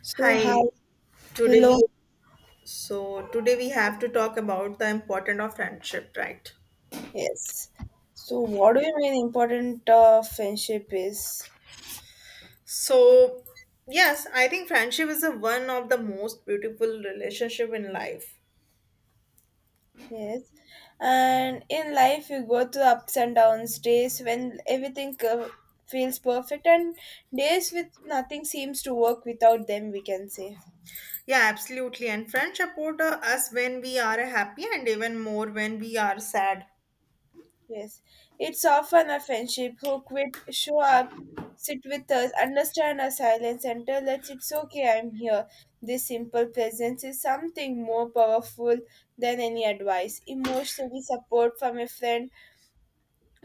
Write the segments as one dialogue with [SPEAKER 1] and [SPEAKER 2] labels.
[SPEAKER 1] So hi,
[SPEAKER 2] Hi, today we
[SPEAKER 1] hello.
[SPEAKER 2] so today we have to talk about the importance of friendship, right?
[SPEAKER 1] Yes. So what do you mean important friendship is?
[SPEAKER 2] So, yes, I think friendship is the one of the most beautiful relationship in life.
[SPEAKER 1] Yes. And in life, you go through ups and downs, days when everything feels perfect, and days with nothing seems to work without them, we can say.
[SPEAKER 2] Yeah, absolutely. And friends support us when we are happy and even more when we are sad.
[SPEAKER 1] Yes, it's often a friendship who quit, show up, sit with us, understand our silence, and tell us it's okay, I'm here. This simple presence is something more powerful than any advice. Emotionally, support from a friend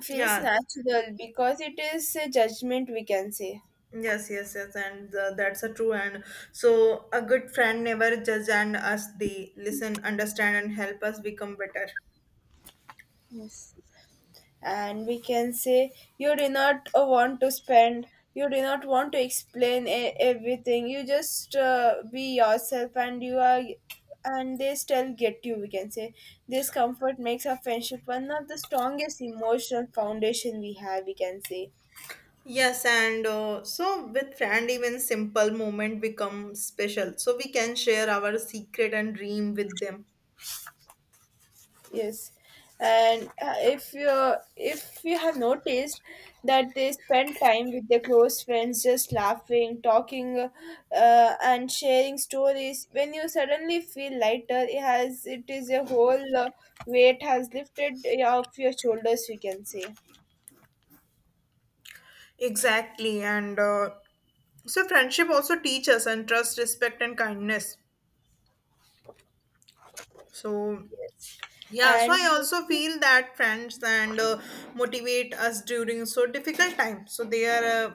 [SPEAKER 1] feels
[SPEAKER 2] Yeah.
[SPEAKER 1] natural because it is a judgment, we can say.
[SPEAKER 2] Yes, yes, yes, and that's a true. And so, a good friend never judge and us. They listen, understand, and help us become better.
[SPEAKER 1] Yes, and we can say you do not want to spend, you do not want to explain everything, you just be yourself and you are, and they still get you, we can say. This comfort makes our friendship one of the strongest emotional foundation we have, we can say.
[SPEAKER 2] Yes, and so with friend, even simple moment become special. So we can share our secret and dream with them.
[SPEAKER 1] Yes, and if you have noticed that they spend time with their close friends, just laughing, talking, and sharing stories. When you suddenly feel lighter, it is a whole weight has lifted off your shoulders, we can say.
[SPEAKER 2] Exactly, and so friendship also teaches us and trust, respect, and kindness. So
[SPEAKER 1] Yes,
[SPEAKER 2] yeah, so I
[SPEAKER 1] and
[SPEAKER 2] also feel that friends and motivate us during so difficult time. So they are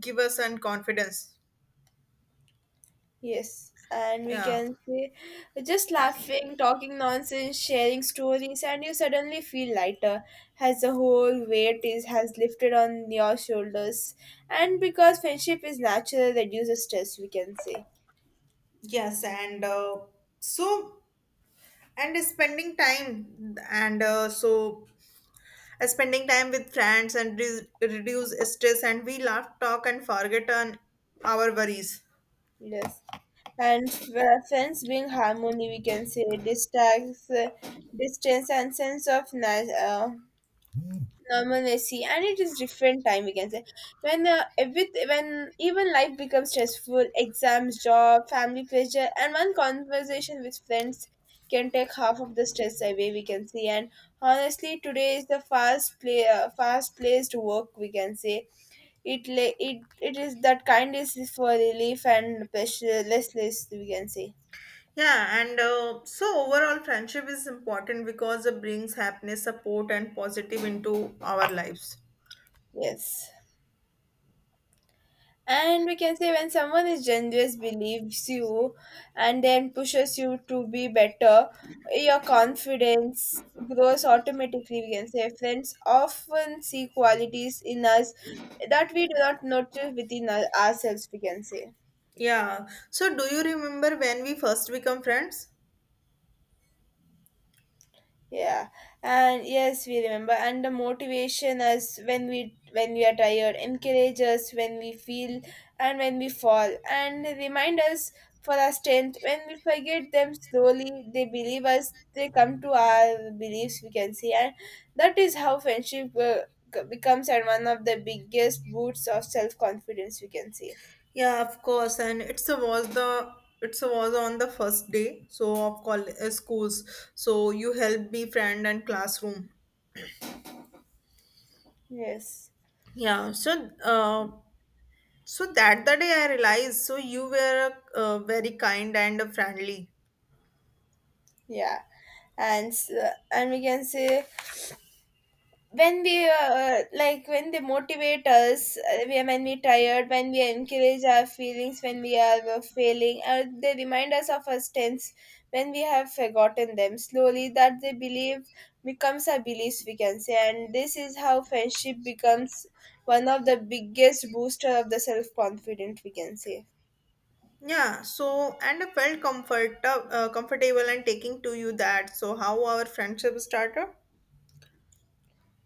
[SPEAKER 2] give us and confidence.
[SPEAKER 1] yes, and we
[SPEAKER 2] Yeah.
[SPEAKER 1] can say just laughing, talking nonsense, sharing stories, and you suddenly feel lighter as the whole weight is has lifted on your shoulders. And because friendship is natural, reduces stress, we can say.
[SPEAKER 2] Yes, and uh, so and spending time with friends and reduce stress, and we laugh, talk, and forget on our worries.
[SPEAKER 1] Yes. And friends being harmony, we can say, distracts, distance, and sense of normalcy, and it is different time, we can say, when with when even life becomes stressful, exams, job, family pressure, and one conversation with friends can take half of the stress away, we can say. And honestly, today is the fast placed work, we can say. It la- It is that kind is for relief and pressure less, we can say.
[SPEAKER 2] Yeah, and so overall, friendship is important because it brings happiness, support, and positive into our lives.
[SPEAKER 1] Yes, and we can say when someone is generous, believes you, and then pushes you to be better, your confidence grows automatically. We can say friends often see qualities in us that we do not notice within ourselves, we can say.
[SPEAKER 2] Yeah. So, do you remember when we first become friends?
[SPEAKER 1] Yeah, and yes, we remember. And the motivation us when we are tired, encourage us when we feel, and when we fall, and remind us for our strength. When we forget them slowly, they believe us. They come to our beliefs, we can see. And that is how friendship becomes and one of the biggest boosts of self confidence, we can see.
[SPEAKER 2] Yeah, of course. And it's a was the it's a was on the first day. So of call schools. So you helped me friend and classroom.
[SPEAKER 1] Yes.
[SPEAKER 2] Yeah. So that the day I realized, so you were very kind and friendly.
[SPEAKER 1] Yeah, and and we can say, when we like when they motivate us, when we tired, when we encourage our feelings, when we are failing, they remind us of our strengths. When we have forgotten them slowly, that they believe becomes our beliefs, we can say. And this is how friendship becomes one of the biggest booster of the self confidence, we can say.
[SPEAKER 2] Yeah, so and I felt comfortable and taking to you that. So how our friendship started?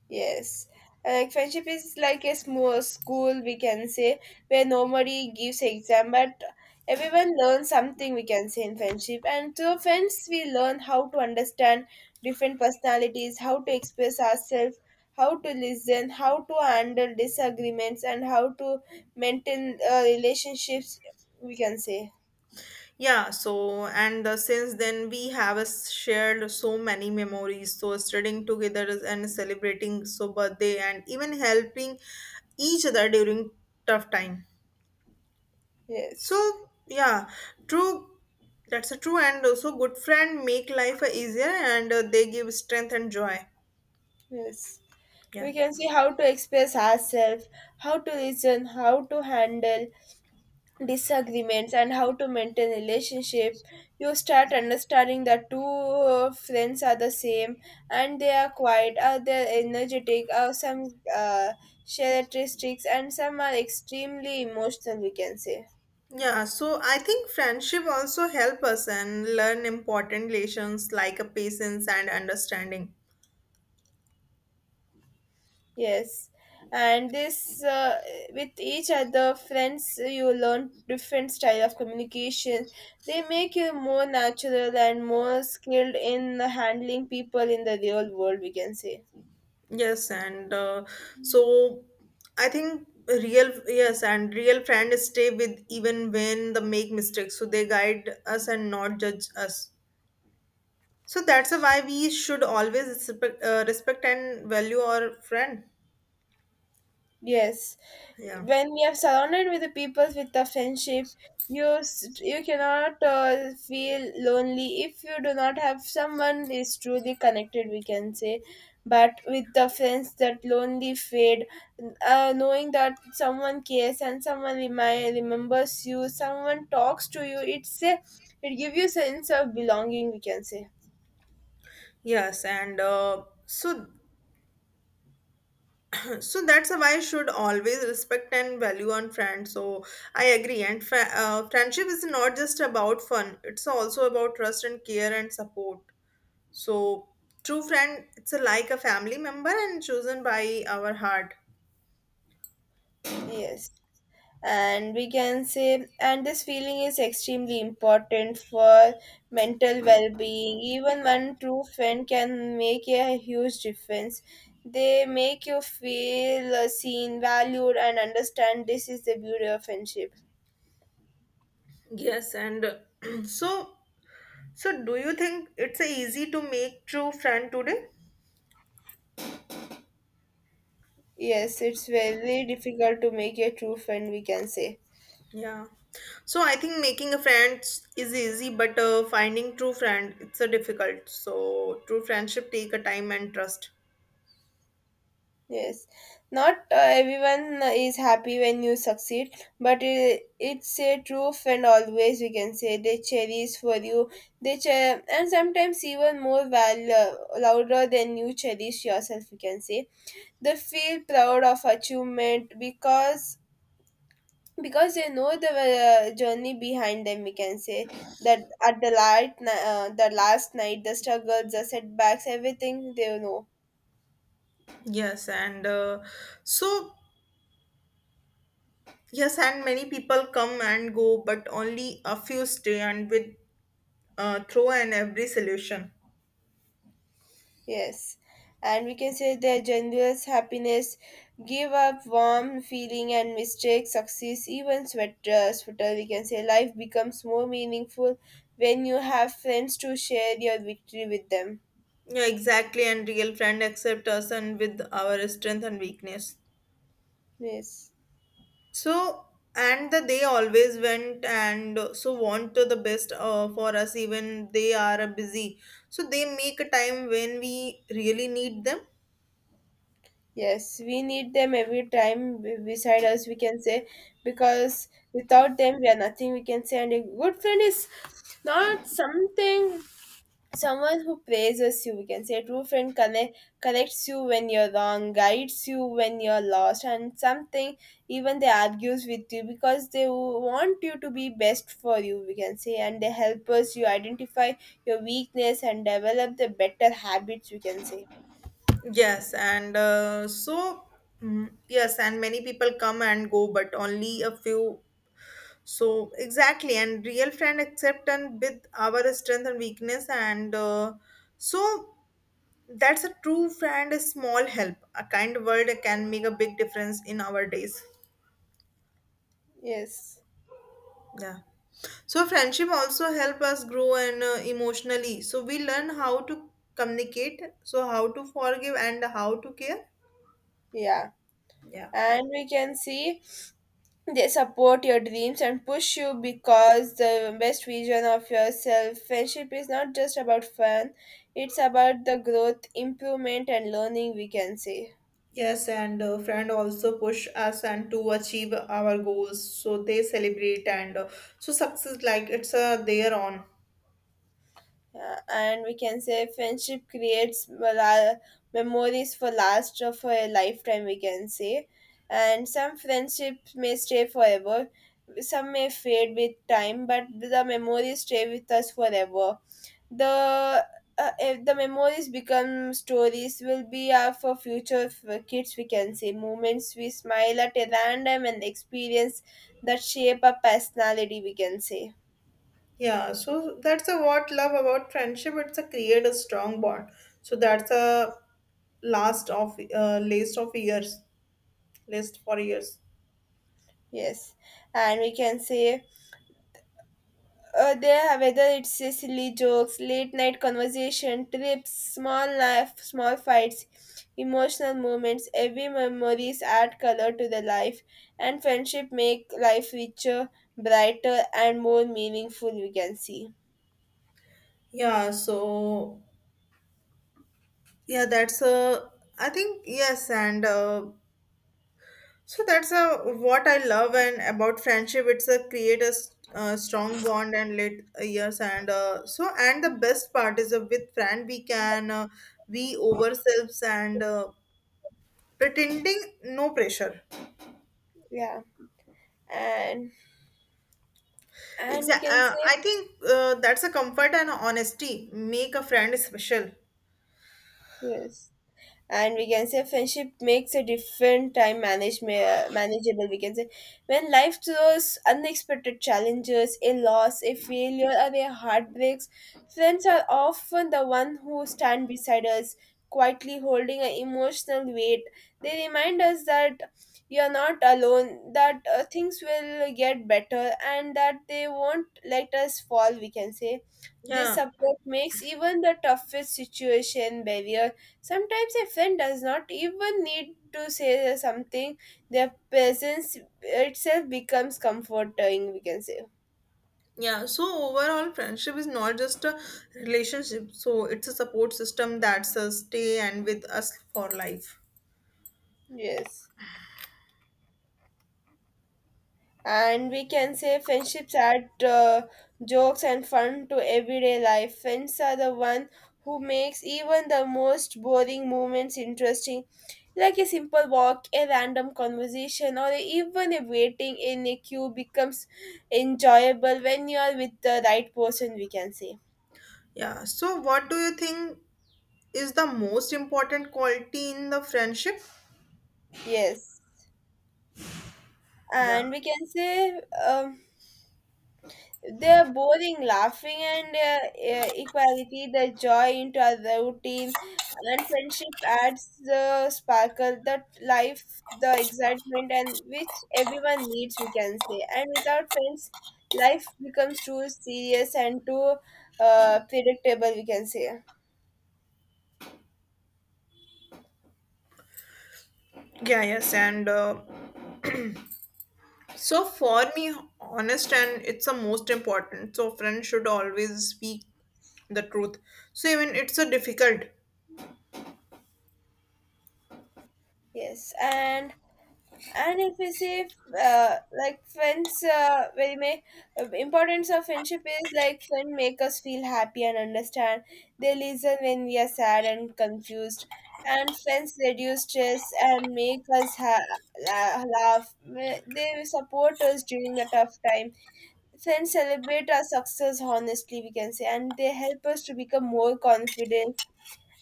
[SPEAKER 1] Yes. Like friendship is like a small school, we can say, where nobody gives exam but everyone learns something, we can say, in friendship. And through friends we learn how to understand different personalities, how to express ourselves, how to listen, how to handle disagreements, and how to maintain relationships, we can say.
[SPEAKER 2] Yeah, so and since then we have shared so many memories. So studying together and celebrating so birthday and even helping each other during tough time.
[SPEAKER 1] Yes.
[SPEAKER 2] So yeah, true. That's a true and also good friend make life easier and they give strength and joy.
[SPEAKER 1] Yes.
[SPEAKER 2] Yeah.
[SPEAKER 1] We can see how to express ourselves, how to listen, how to handle disagreements, and how to maintain relationship. You start understanding that two friends are the same, and they are quiet, they're energetic, some share characteristics and some are extremely emotional, we can say.
[SPEAKER 2] Yeah, so I think friendship also help us and learn important lessons like patience and understanding.
[SPEAKER 1] Yes. And this, with each other friends you learn different style of communication. They make you more natural and more skilled in handling people in the real world, we can say.
[SPEAKER 2] Yes, and so I think real yes and real friends stay with even when they make mistakes. So they guide us and not judge us. So that's a why we should always respect and value our friend.
[SPEAKER 1] Yes,
[SPEAKER 2] Yeah.
[SPEAKER 1] when you are surrounded with the people with the friendship, you cannot feel lonely. If you do not have someone is truly connected, we can say, but with the friends, that lonely fade. Knowing that someone cares and someone remembers you, someone talks to you, it gives you sense of belonging, we can say.
[SPEAKER 2] Yes, and so so that's why I should always respect and value on friends. So I agree, and friendship is not just about fun; it's also about trust and care and support. So true friend, it's a, like a family member and chosen by our heart.
[SPEAKER 1] Yes, and we can say, and this feeling is extremely important for mental well-being. Even one true friend can make a huge difference. They make you feel seen, valued, and understand. This is the beauty of friendship.
[SPEAKER 2] Yes, and so so do you think it's easy to make true friend today?
[SPEAKER 1] Yes, it's very difficult to make a true friend, we can say.
[SPEAKER 2] Yeah. So I think making a friend is easy, but finding true friend it's a difficult. So true friendship take a time and trust.
[SPEAKER 1] Yes, not everyone is happy when you succeed, but it's a true friend always, we can say. They cherish for you, and sometimes even more louder than you cherish yourself, we can say. They feel proud of achievement because they know the journey behind them, we can say. That at the light, the last night, the struggles, the setbacks, everything they know.
[SPEAKER 2] Yes, and so yes, and many people come and go, but only a few stay and with throw and every solution.
[SPEAKER 1] Yes, and we can say their generous happiness give up warm feeling and mistake success even sweater, we can say. Life becomes more meaningful when you have friends to share your victory with them.
[SPEAKER 2] Yeah, exactly. And real friend accept us and with our strength and weakness.
[SPEAKER 1] Yes.
[SPEAKER 2] So, and the, they always went and so want to the best for us, even they are busy. So they make a time when we really need them.
[SPEAKER 1] Yes, we need them every time beside us, we can say, because without them, we are nothing, we can say. And a good friend is not something, someone who praises you, we can say. A true friend connect, corrects you when you're wrong, guides you when you're lost, and something even they argues with you because they want you to be best for you, we can say. And they help us you identify your weakness and develop the better habits, we can say.
[SPEAKER 2] Yes, and so mm, yes, and many people come and go, but only a few. So exactly, and real friend accept and with our strength and weakness, and so That's a true friend. A small help, a kind word can make a big difference in our days.
[SPEAKER 1] Yes.
[SPEAKER 2] Yeah. So friendship also help us grow and emotionally. So we learn how to communicate, so how to forgive and how to care.
[SPEAKER 1] Yeah.
[SPEAKER 2] Yeah.
[SPEAKER 1] And we can see they support your dreams and push you because the best vision of yourself. Friendship is not just about fun, it's about the growth, improvement, and learning, we can say.
[SPEAKER 2] Yes, and Friend also push us and to achieve our goals. So they celebrate and so success like it's their own.
[SPEAKER 1] Yeah, and we can say friendship creates memories for last of a lifetime, we can say. And some friendships may stay forever, some may fade with time, but the memories stay with us forever. The if the memories become stories will be for future for kids, we can say, moments we smile at a random and experience that shape our personality, we can say.
[SPEAKER 2] Yeah. So that's a what love about friendship. It's a create a strong bond. So that's a last of list of years, list for years.
[SPEAKER 1] Yes, and we can say, they have, whether it's silly jokes, late night conversation, trips, small life, small fights, emotional moments, every memories add color to the life. And friendship make life richer, brighter, and more meaningful, we can see.
[SPEAKER 2] Yeah. So Yeah, that's I think yes, and so that's what I love and about friendship. It's a create a strong bond and let yes, and so and the best part is with friend we can we ourselves and pretending no pressure.
[SPEAKER 1] Yeah, and and we
[SPEAKER 2] Exactly,
[SPEAKER 1] can say.
[SPEAKER 2] I think that's a comfort and honesty make a friend special.
[SPEAKER 1] Yes, and we can say friendship makes a different time manage, manageable, we can say. When life throws unexpected challenges, a loss, a failure, or a heartbreaks, friends are often the one who stand beside us, quietly holding an emotional weight. They remind us that you are not alone, that things will get better, and that they won't let us fall, we can say. This
[SPEAKER 2] Yeah.
[SPEAKER 1] support makes even the toughest situation barrier. Sometimes a friend does not even need to say something, their presence itself becomes comforting, we can say.
[SPEAKER 2] Yeah, so overall, friendship is not just a relationship, so it's a support system that's a stay and with us for life.
[SPEAKER 1] Yes. And we can say friendships add jokes and fun to everyday life. Friends are the one who makes even the most boring moments interesting, like a simple walk, a random conversation, or even a waiting in a queue becomes enjoyable when you are with the right person, we can say.
[SPEAKER 2] Yeah, so what do you think is the most important quality in the friendship?
[SPEAKER 1] Yes,
[SPEAKER 2] Yeah,
[SPEAKER 1] and we can say they're boring laughing and equality the joy into our routine. And friendship adds the sparkle, the life, the excitement, and which everyone needs, we can say. And without friends, life becomes too serious and too predictable, we can say.
[SPEAKER 2] yeah, yes, and so for me, honest and it's the most important. So, friends should always speak the truth. So, even it's a difficult.
[SPEAKER 1] Yes, and if we see, like friends very may importance of friendship is like friend make us feel happy and understand. They listen when we are sad and confused, and friends reduce stress and make us laugh. They support us during the tough time. Friends celebrate our success honestly, we can say, and they help us to become more confident.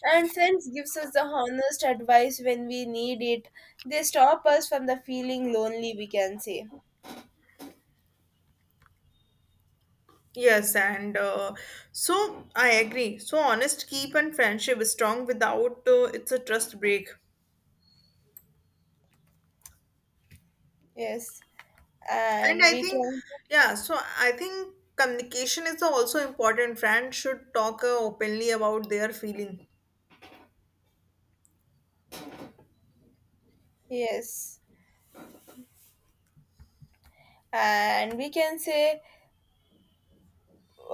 [SPEAKER 1] And friends gives us the honest advice when we need it. They stop us from the feeling lonely, we can say.
[SPEAKER 2] Yes, and so I agree. So honest keep and friendship is strong without it's a trust break.
[SPEAKER 1] Yes.
[SPEAKER 2] And
[SPEAKER 1] And
[SPEAKER 2] I
[SPEAKER 1] we
[SPEAKER 2] think,
[SPEAKER 1] can
[SPEAKER 2] yeah, so I think communication is also important. Friends should talk openly about their feeling.
[SPEAKER 1] yes. And we can say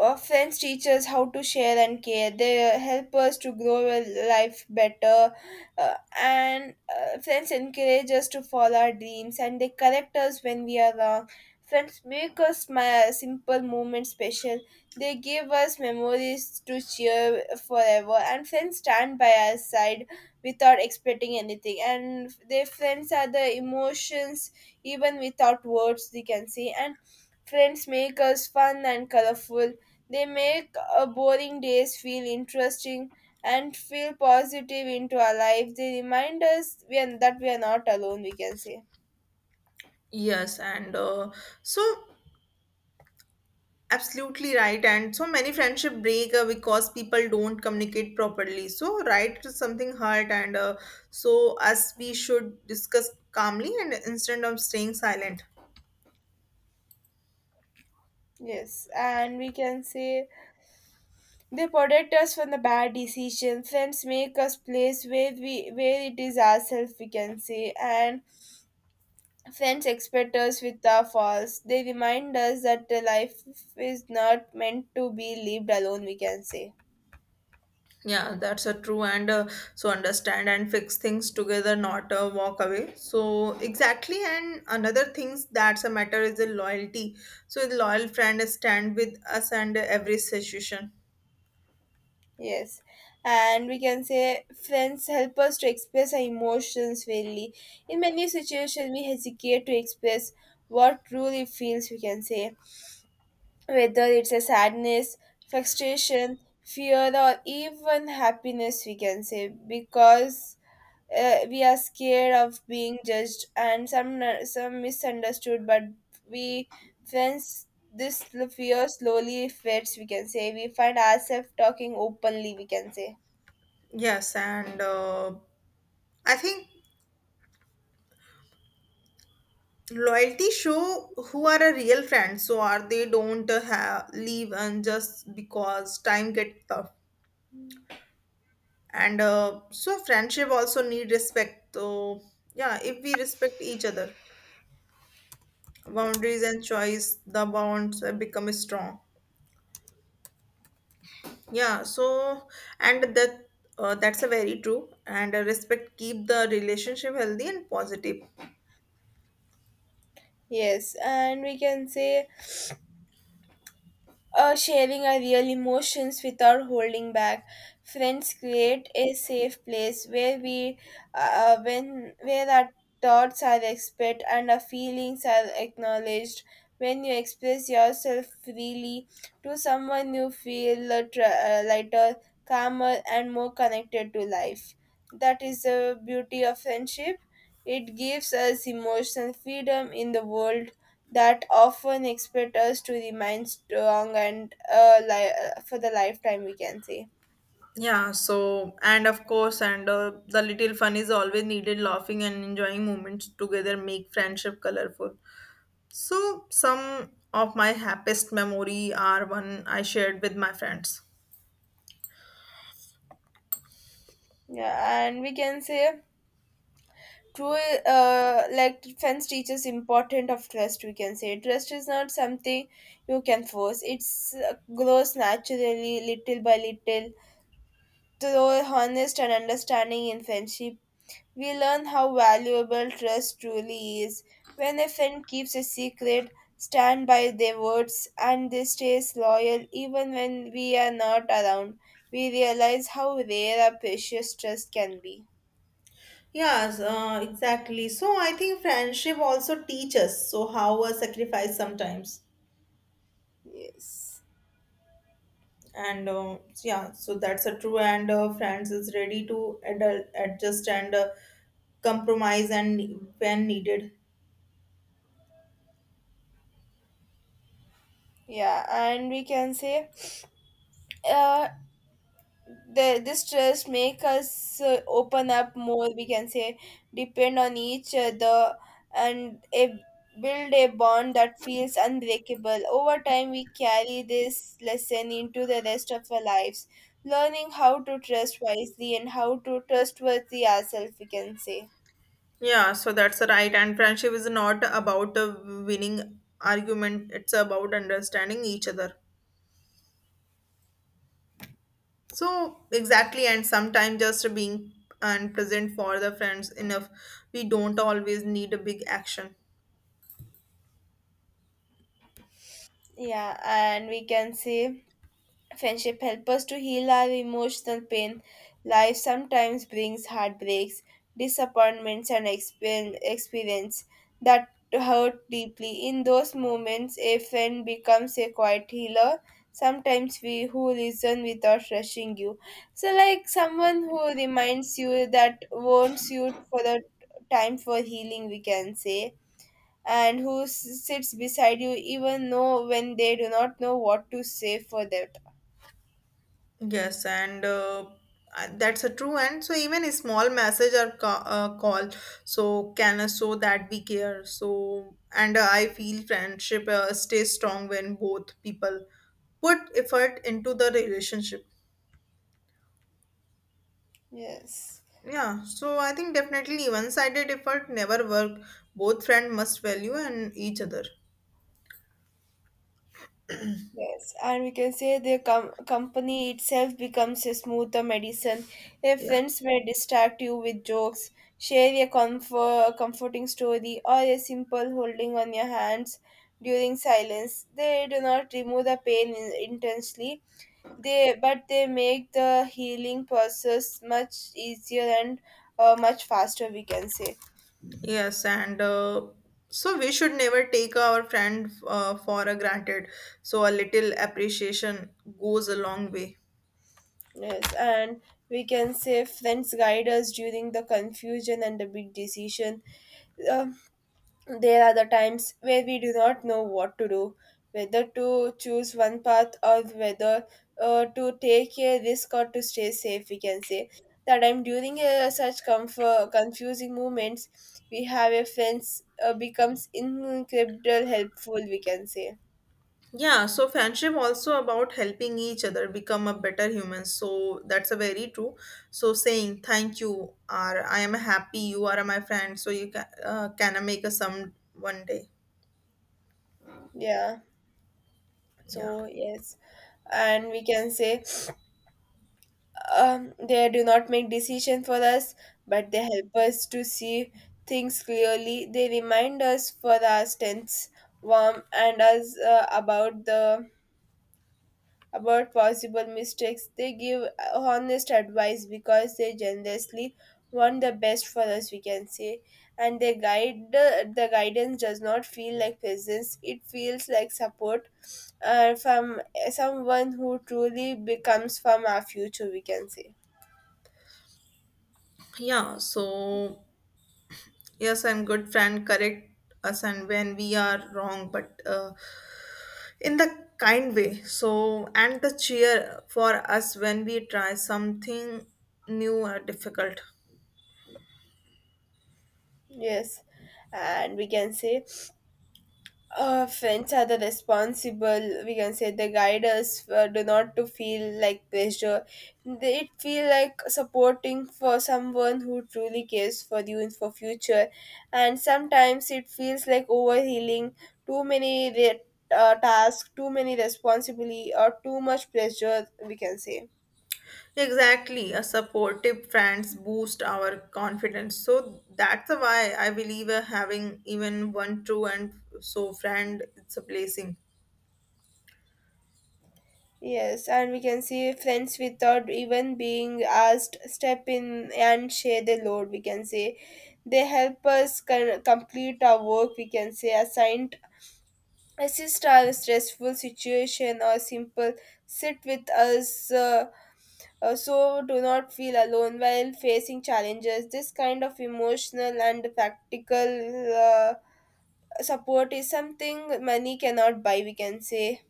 [SPEAKER 1] Friends teach us how to share and care. They help us to grow our life better. Uh, and friends encourage us to follow our dreams, and they correct us when we are wrong. Friends make us smile, simple moment special. They give us memories to cheer forever. And friends stand by our side without expecting anything. And their friends are the emotions, even without words, they can see. And friends make us fun and colorful. They make boring days feel interesting and feel positive into our life. They remind us that we are not alone, we can say.
[SPEAKER 2] Yes, and so absolutely right. And so many friendship break because people don't communicate properly. So right to something hurt, and us we should discuss calmly and instead of staying silent.
[SPEAKER 1] Yes, and we can say they protect us from the bad decisions. Friends make us place where we where it is ourselves we can say, and friends expect us with our faults. They remind us that the life is not meant to be lived alone. We can say
[SPEAKER 2] Yeah, that's a true and so understand and fix things together, not walk away. So exactly, and another things that's a matter is the loyalty. So the loyal friend stand with us and every situation.
[SPEAKER 1] yes, and we can say friends help us to express our emotions fairly. In many situations, we hesitate to express what truly feels, we can say, whether it's a sadness, frustration, fear, or even happiness, we can say, because we are scared of being judged and some misunderstood. But we friends, this fear slowly fades, we can say. We find ourselves talking openly, we can say.
[SPEAKER 2] Yes, and I think loyalty show who are a real friend. So are they don't have leave and just because time get tough. And so friendship also need respect. So yeah, if we respect each other boundaries and choice the bonds become strong. Yeah, so and that that's a very true and respect keep the relationship healthy and positive.
[SPEAKER 1] Yes, and we can say sharing our real emotions without holding back. Friends create a safe place where we, uh, when where our thoughts are expressed and our feelings are acknowledged. When you express yourself freely to someone, you feel lighter, calmer, and more connected to life. That is the beauty of friendship. It gives us emotional freedom in the world that often expect us to remain strong and for the lifetime we can say.
[SPEAKER 2] Yeah, so and of course and the little fun is always needed, laughing and enjoying moments together make friendship colorful. So some of my happiest memory are one I shared with my friends.
[SPEAKER 1] Yeah, and we can say true, like fence teaches important of trust we can say. Trust is not something you can force. It's grows naturally little by little through honest and understanding in friendship. We learn how valuable trust truly is when a friend keeps a secret, stand by their words, and they stays loyal even when we are not around. We realize how rare a precious trust can be.
[SPEAKER 2] Yes, exactly. So I think friendship also teaches so how a sacrifice sometimes.
[SPEAKER 1] Yes.
[SPEAKER 2] And yeah so that's a true and france is ready to adjust and compromise and when needed.
[SPEAKER 1] Yeah, and we can say uh, the this trust make us open up more we can say, depend on each other and a, build a bond that feels unbreakable. Over time we carry this lesson into the rest of our lives, learning how to trust wisely and how to trustworthy ourselves we can say.
[SPEAKER 2] Yeah, so that's right. And friendship is not about a winning argument, it's about understanding each other. So, exactly, and sometimes just being and present for the friends enough. We don't always need a big action.
[SPEAKER 1] Yeah, and we can say friendship help us to heal our emotional pain. Life sometimes brings heartbreaks, disappointments, and experience that hurt deeply. In those moments, a friend becomes a quiet healer. Sometimes we who listen without rushing you. So, like someone who reminds you that wants you for the time for healing, we can say, and who sits beside you even know when they do not know what to say for that.
[SPEAKER 2] Yes, and that's a true. And so even a small message or call, so can show that we care. So and I feel friendship stays strong when both people put effort into the relationship.
[SPEAKER 1] Yes,
[SPEAKER 2] Yeah, so I think definitely one-sided effort never work. Both friend must value and each other.
[SPEAKER 1] yes, and we can say the company itself becomes a smoother medicine. Your
[SPEAKER 2] Yeah.
[SPEAKER 1] friends may distract you with jokes, share a comforting story, or a simple holding on your hands during silence. They do not remove the pain intensely, they but they make the healing process much easier and much faster. We can say
[SPEAKER 2] Yes, and so we should never take our friend for a granted. So a little appreciation goes a long way.
[SPEAKER 1] yes, and we can say friends guide us during the confusion and the big decision. Uh, there are the times where we do not know what to do, whether to choose one path or whether to take a risk or to stay safe, we can say. That I'm during confusing moments, we have a friends becomes incredible helpful, we can say.
[SPEAKER 2] Yeah, so friendship also about helping each other become a better human. So that's a very true. So saying thank you or I am happy you are my friend. So you can make a some one day.
[SPEAKER 1] Yeah.
[SPEAKER 2] Yeah.
[SPEAKER 1] So yes, and we can say they do not make decisions for us, but they help us to see things clearly. They remind us for our strengths, warm, and us about possible mistakes. They give honest advice because they generously want the best for us. We can say, and they guide the guidance does not feel like presence. It feels like support from someone who truly becomes from our future. We can say.
[SPEAKER 2] Yeah, so yes, and good friend correct us and when we are wrong, but in the kind way, so and the cheer for us when we try something new or difficult.
[SPEAKER 1] Yes, and we can say friends are the responsible. We can say they guide us do not to feel like pressure. They it feel like supporting for someone who truly cares for you in for future, and sometimes it feels like overhealing. Too many tasks, too many responsibility, or too much pressure. We can say.
[SPEAKER 2] Exactly, a supportive friends boost our confidence, so that's why I believe having even one true and so friend it's a blessing.
[SPEAKER 1] Yes, and we can see friends without even being asked step in and share the load. We can say they help us complete our work. We can say assigned assist our stressful situation or simple sit with us so do not feel alone while facing challenges. This kind of emotional and practical support is something money cannot buy. We can say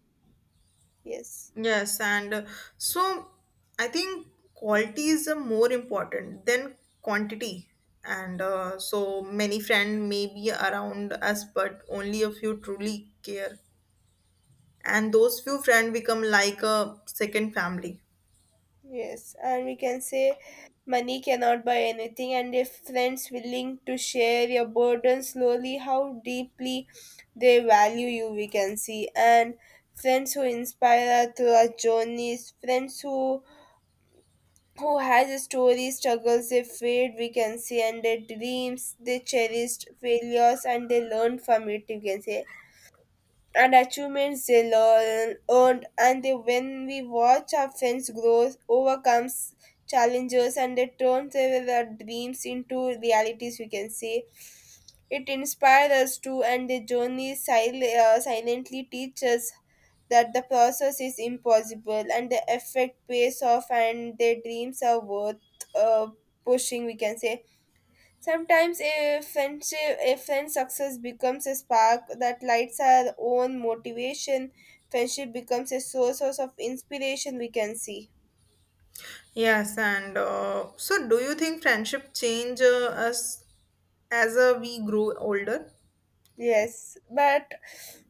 [SPEAKER 1] yes.
[SPEAKER 2] Yes, and so I think quality is more important than quantity. And so many friends may be around us, but only a few truly care, and those few friends become like a second family.
[SPEAKER 1] Yes, and we can say money cannot buy anything, and if friends willing to share your burden slowly, how deeply they value you, we can see. And friends who inspire us through our journeys, friends who has a story, struggles they fade, we can see, and their dreams they cherished, failures and they learn from it, you can say and achievements they learn, earned, and they, when we watch our friends grow, overcomes challenges, and they turn their dreams into realities, we can say. It inspires us too, and the journey silently teaches that the process is impossible and the effect pays off and their dreams are worth uh, pushing, we can say. Sometimes a friendship, a friend's success becomes a spark that lights our own motivation. Friendship becomes a source of inspiration. We can see.
[SPEAKER 2] Yes and uh, so do you think friendship change us as we grow older?
[SPEAKER 1] Yes, but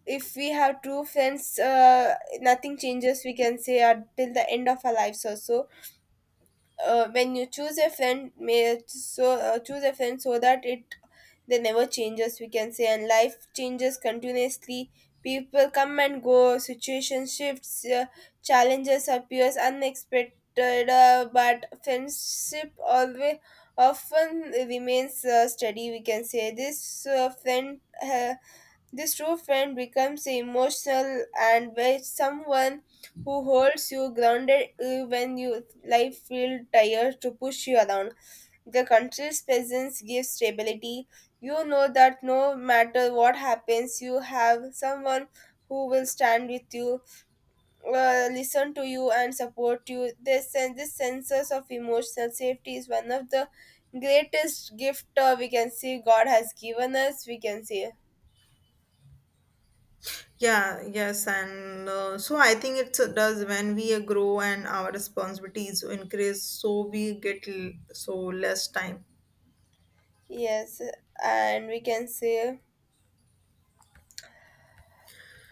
[SPEAKER 1] if we have true friends, nothing changes. We can say until the end of our lives also. When you choose a friend, may so choose a friend so that it they never changes we can say, and life changes continuously, people come and go, situation shifts, challenges appears unexpected, but friendship always often remains steady we can say. This friend this true friend becomes emotional and where someone who holds you grounded when you life feel tired to push you around the country's presence gives stability. You know that no matter what happens, you have someone who will stand with you, listen to you, and support you. This and this senses of emotional safety is one of the greatest gift we can see God has given us. We can say
[SPEAKER 2] Yeah yes and uh, so I think it does. When we grow and our responsibilities increase, so we get so less time.
[SPEAKER 1] yes, and we can say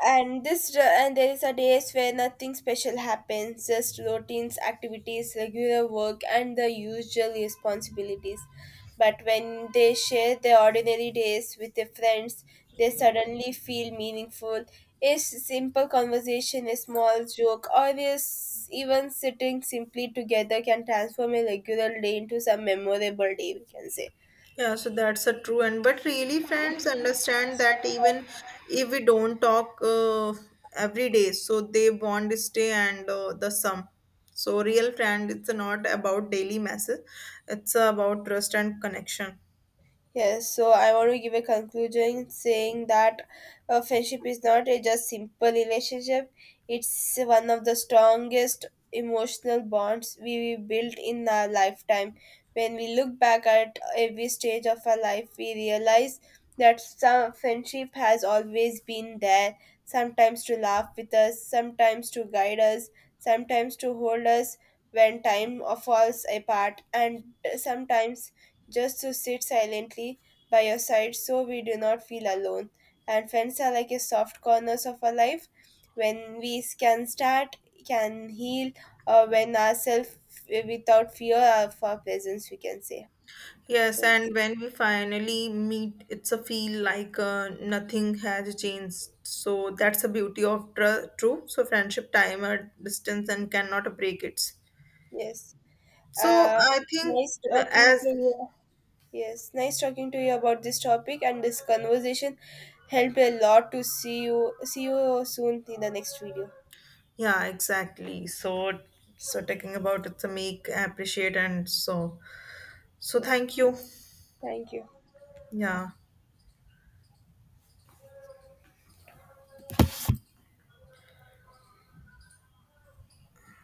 [SPEAKER 1] and this and there is a days where nothing special happens, just routines activities, regular work and the usual responsibilities, but when they share their ordinary days with their friends they suddenly feel meaningful. A simple conversation, a small joke, or is even sitting simply together can transform a regular day into some memorable day we can say.
[SPEAKER 2] Yeah, so that's a true, and but really friends understand that even if we don't talk every day, so they bond stay and the sum. So real friend, it's not about daily message, it's about trust and connection.
[SPEAKER 1] Yes, so I want to give a conclusion saying that a friendship is not a just simple relationship. It's one of the strongest emotional bonds we build in our lifetime. When we look back at every stage of our life, we realize that some friendship has always been there, sometimes to laugh with us, sometimes to guide us, sometimes to hold us when time falls apart, and sometimes just to sit silently by your side so we do not feel alone. And friends are like a soft corners of our life when we can start, can heal, or when ourselves without fear of our presence, we can say.
[SPEAKER 2] Yes,
[SPEAKER 1] Yes.
[SPEAKER 2] and when we finally meet, it's a feel like nothing has changed. So that's the beauty of true. So friendship time or distance and cannot break it.
[SPEAKER 1] Yes.
[SPEAKER 2] So
[SPEAKER 1] Uh,
[SPEAKER 2] I think
[SPEAKER 1] Nice talking
[SPEAKER 2] as
[SPEAKER 1] to you. Yes, nice talking to you about this topic, and this conversation helped a lot to see you. See you soon in the next video.
[SPEAKER 2] yeah, exactly. So, so talking about it's a make appreciate and so so
[SPEAKER 1] Yeah,
[SPEAKER 2] thank you.
[SPEAKER 1] thank you.
[SPEAKER 2] Yeah.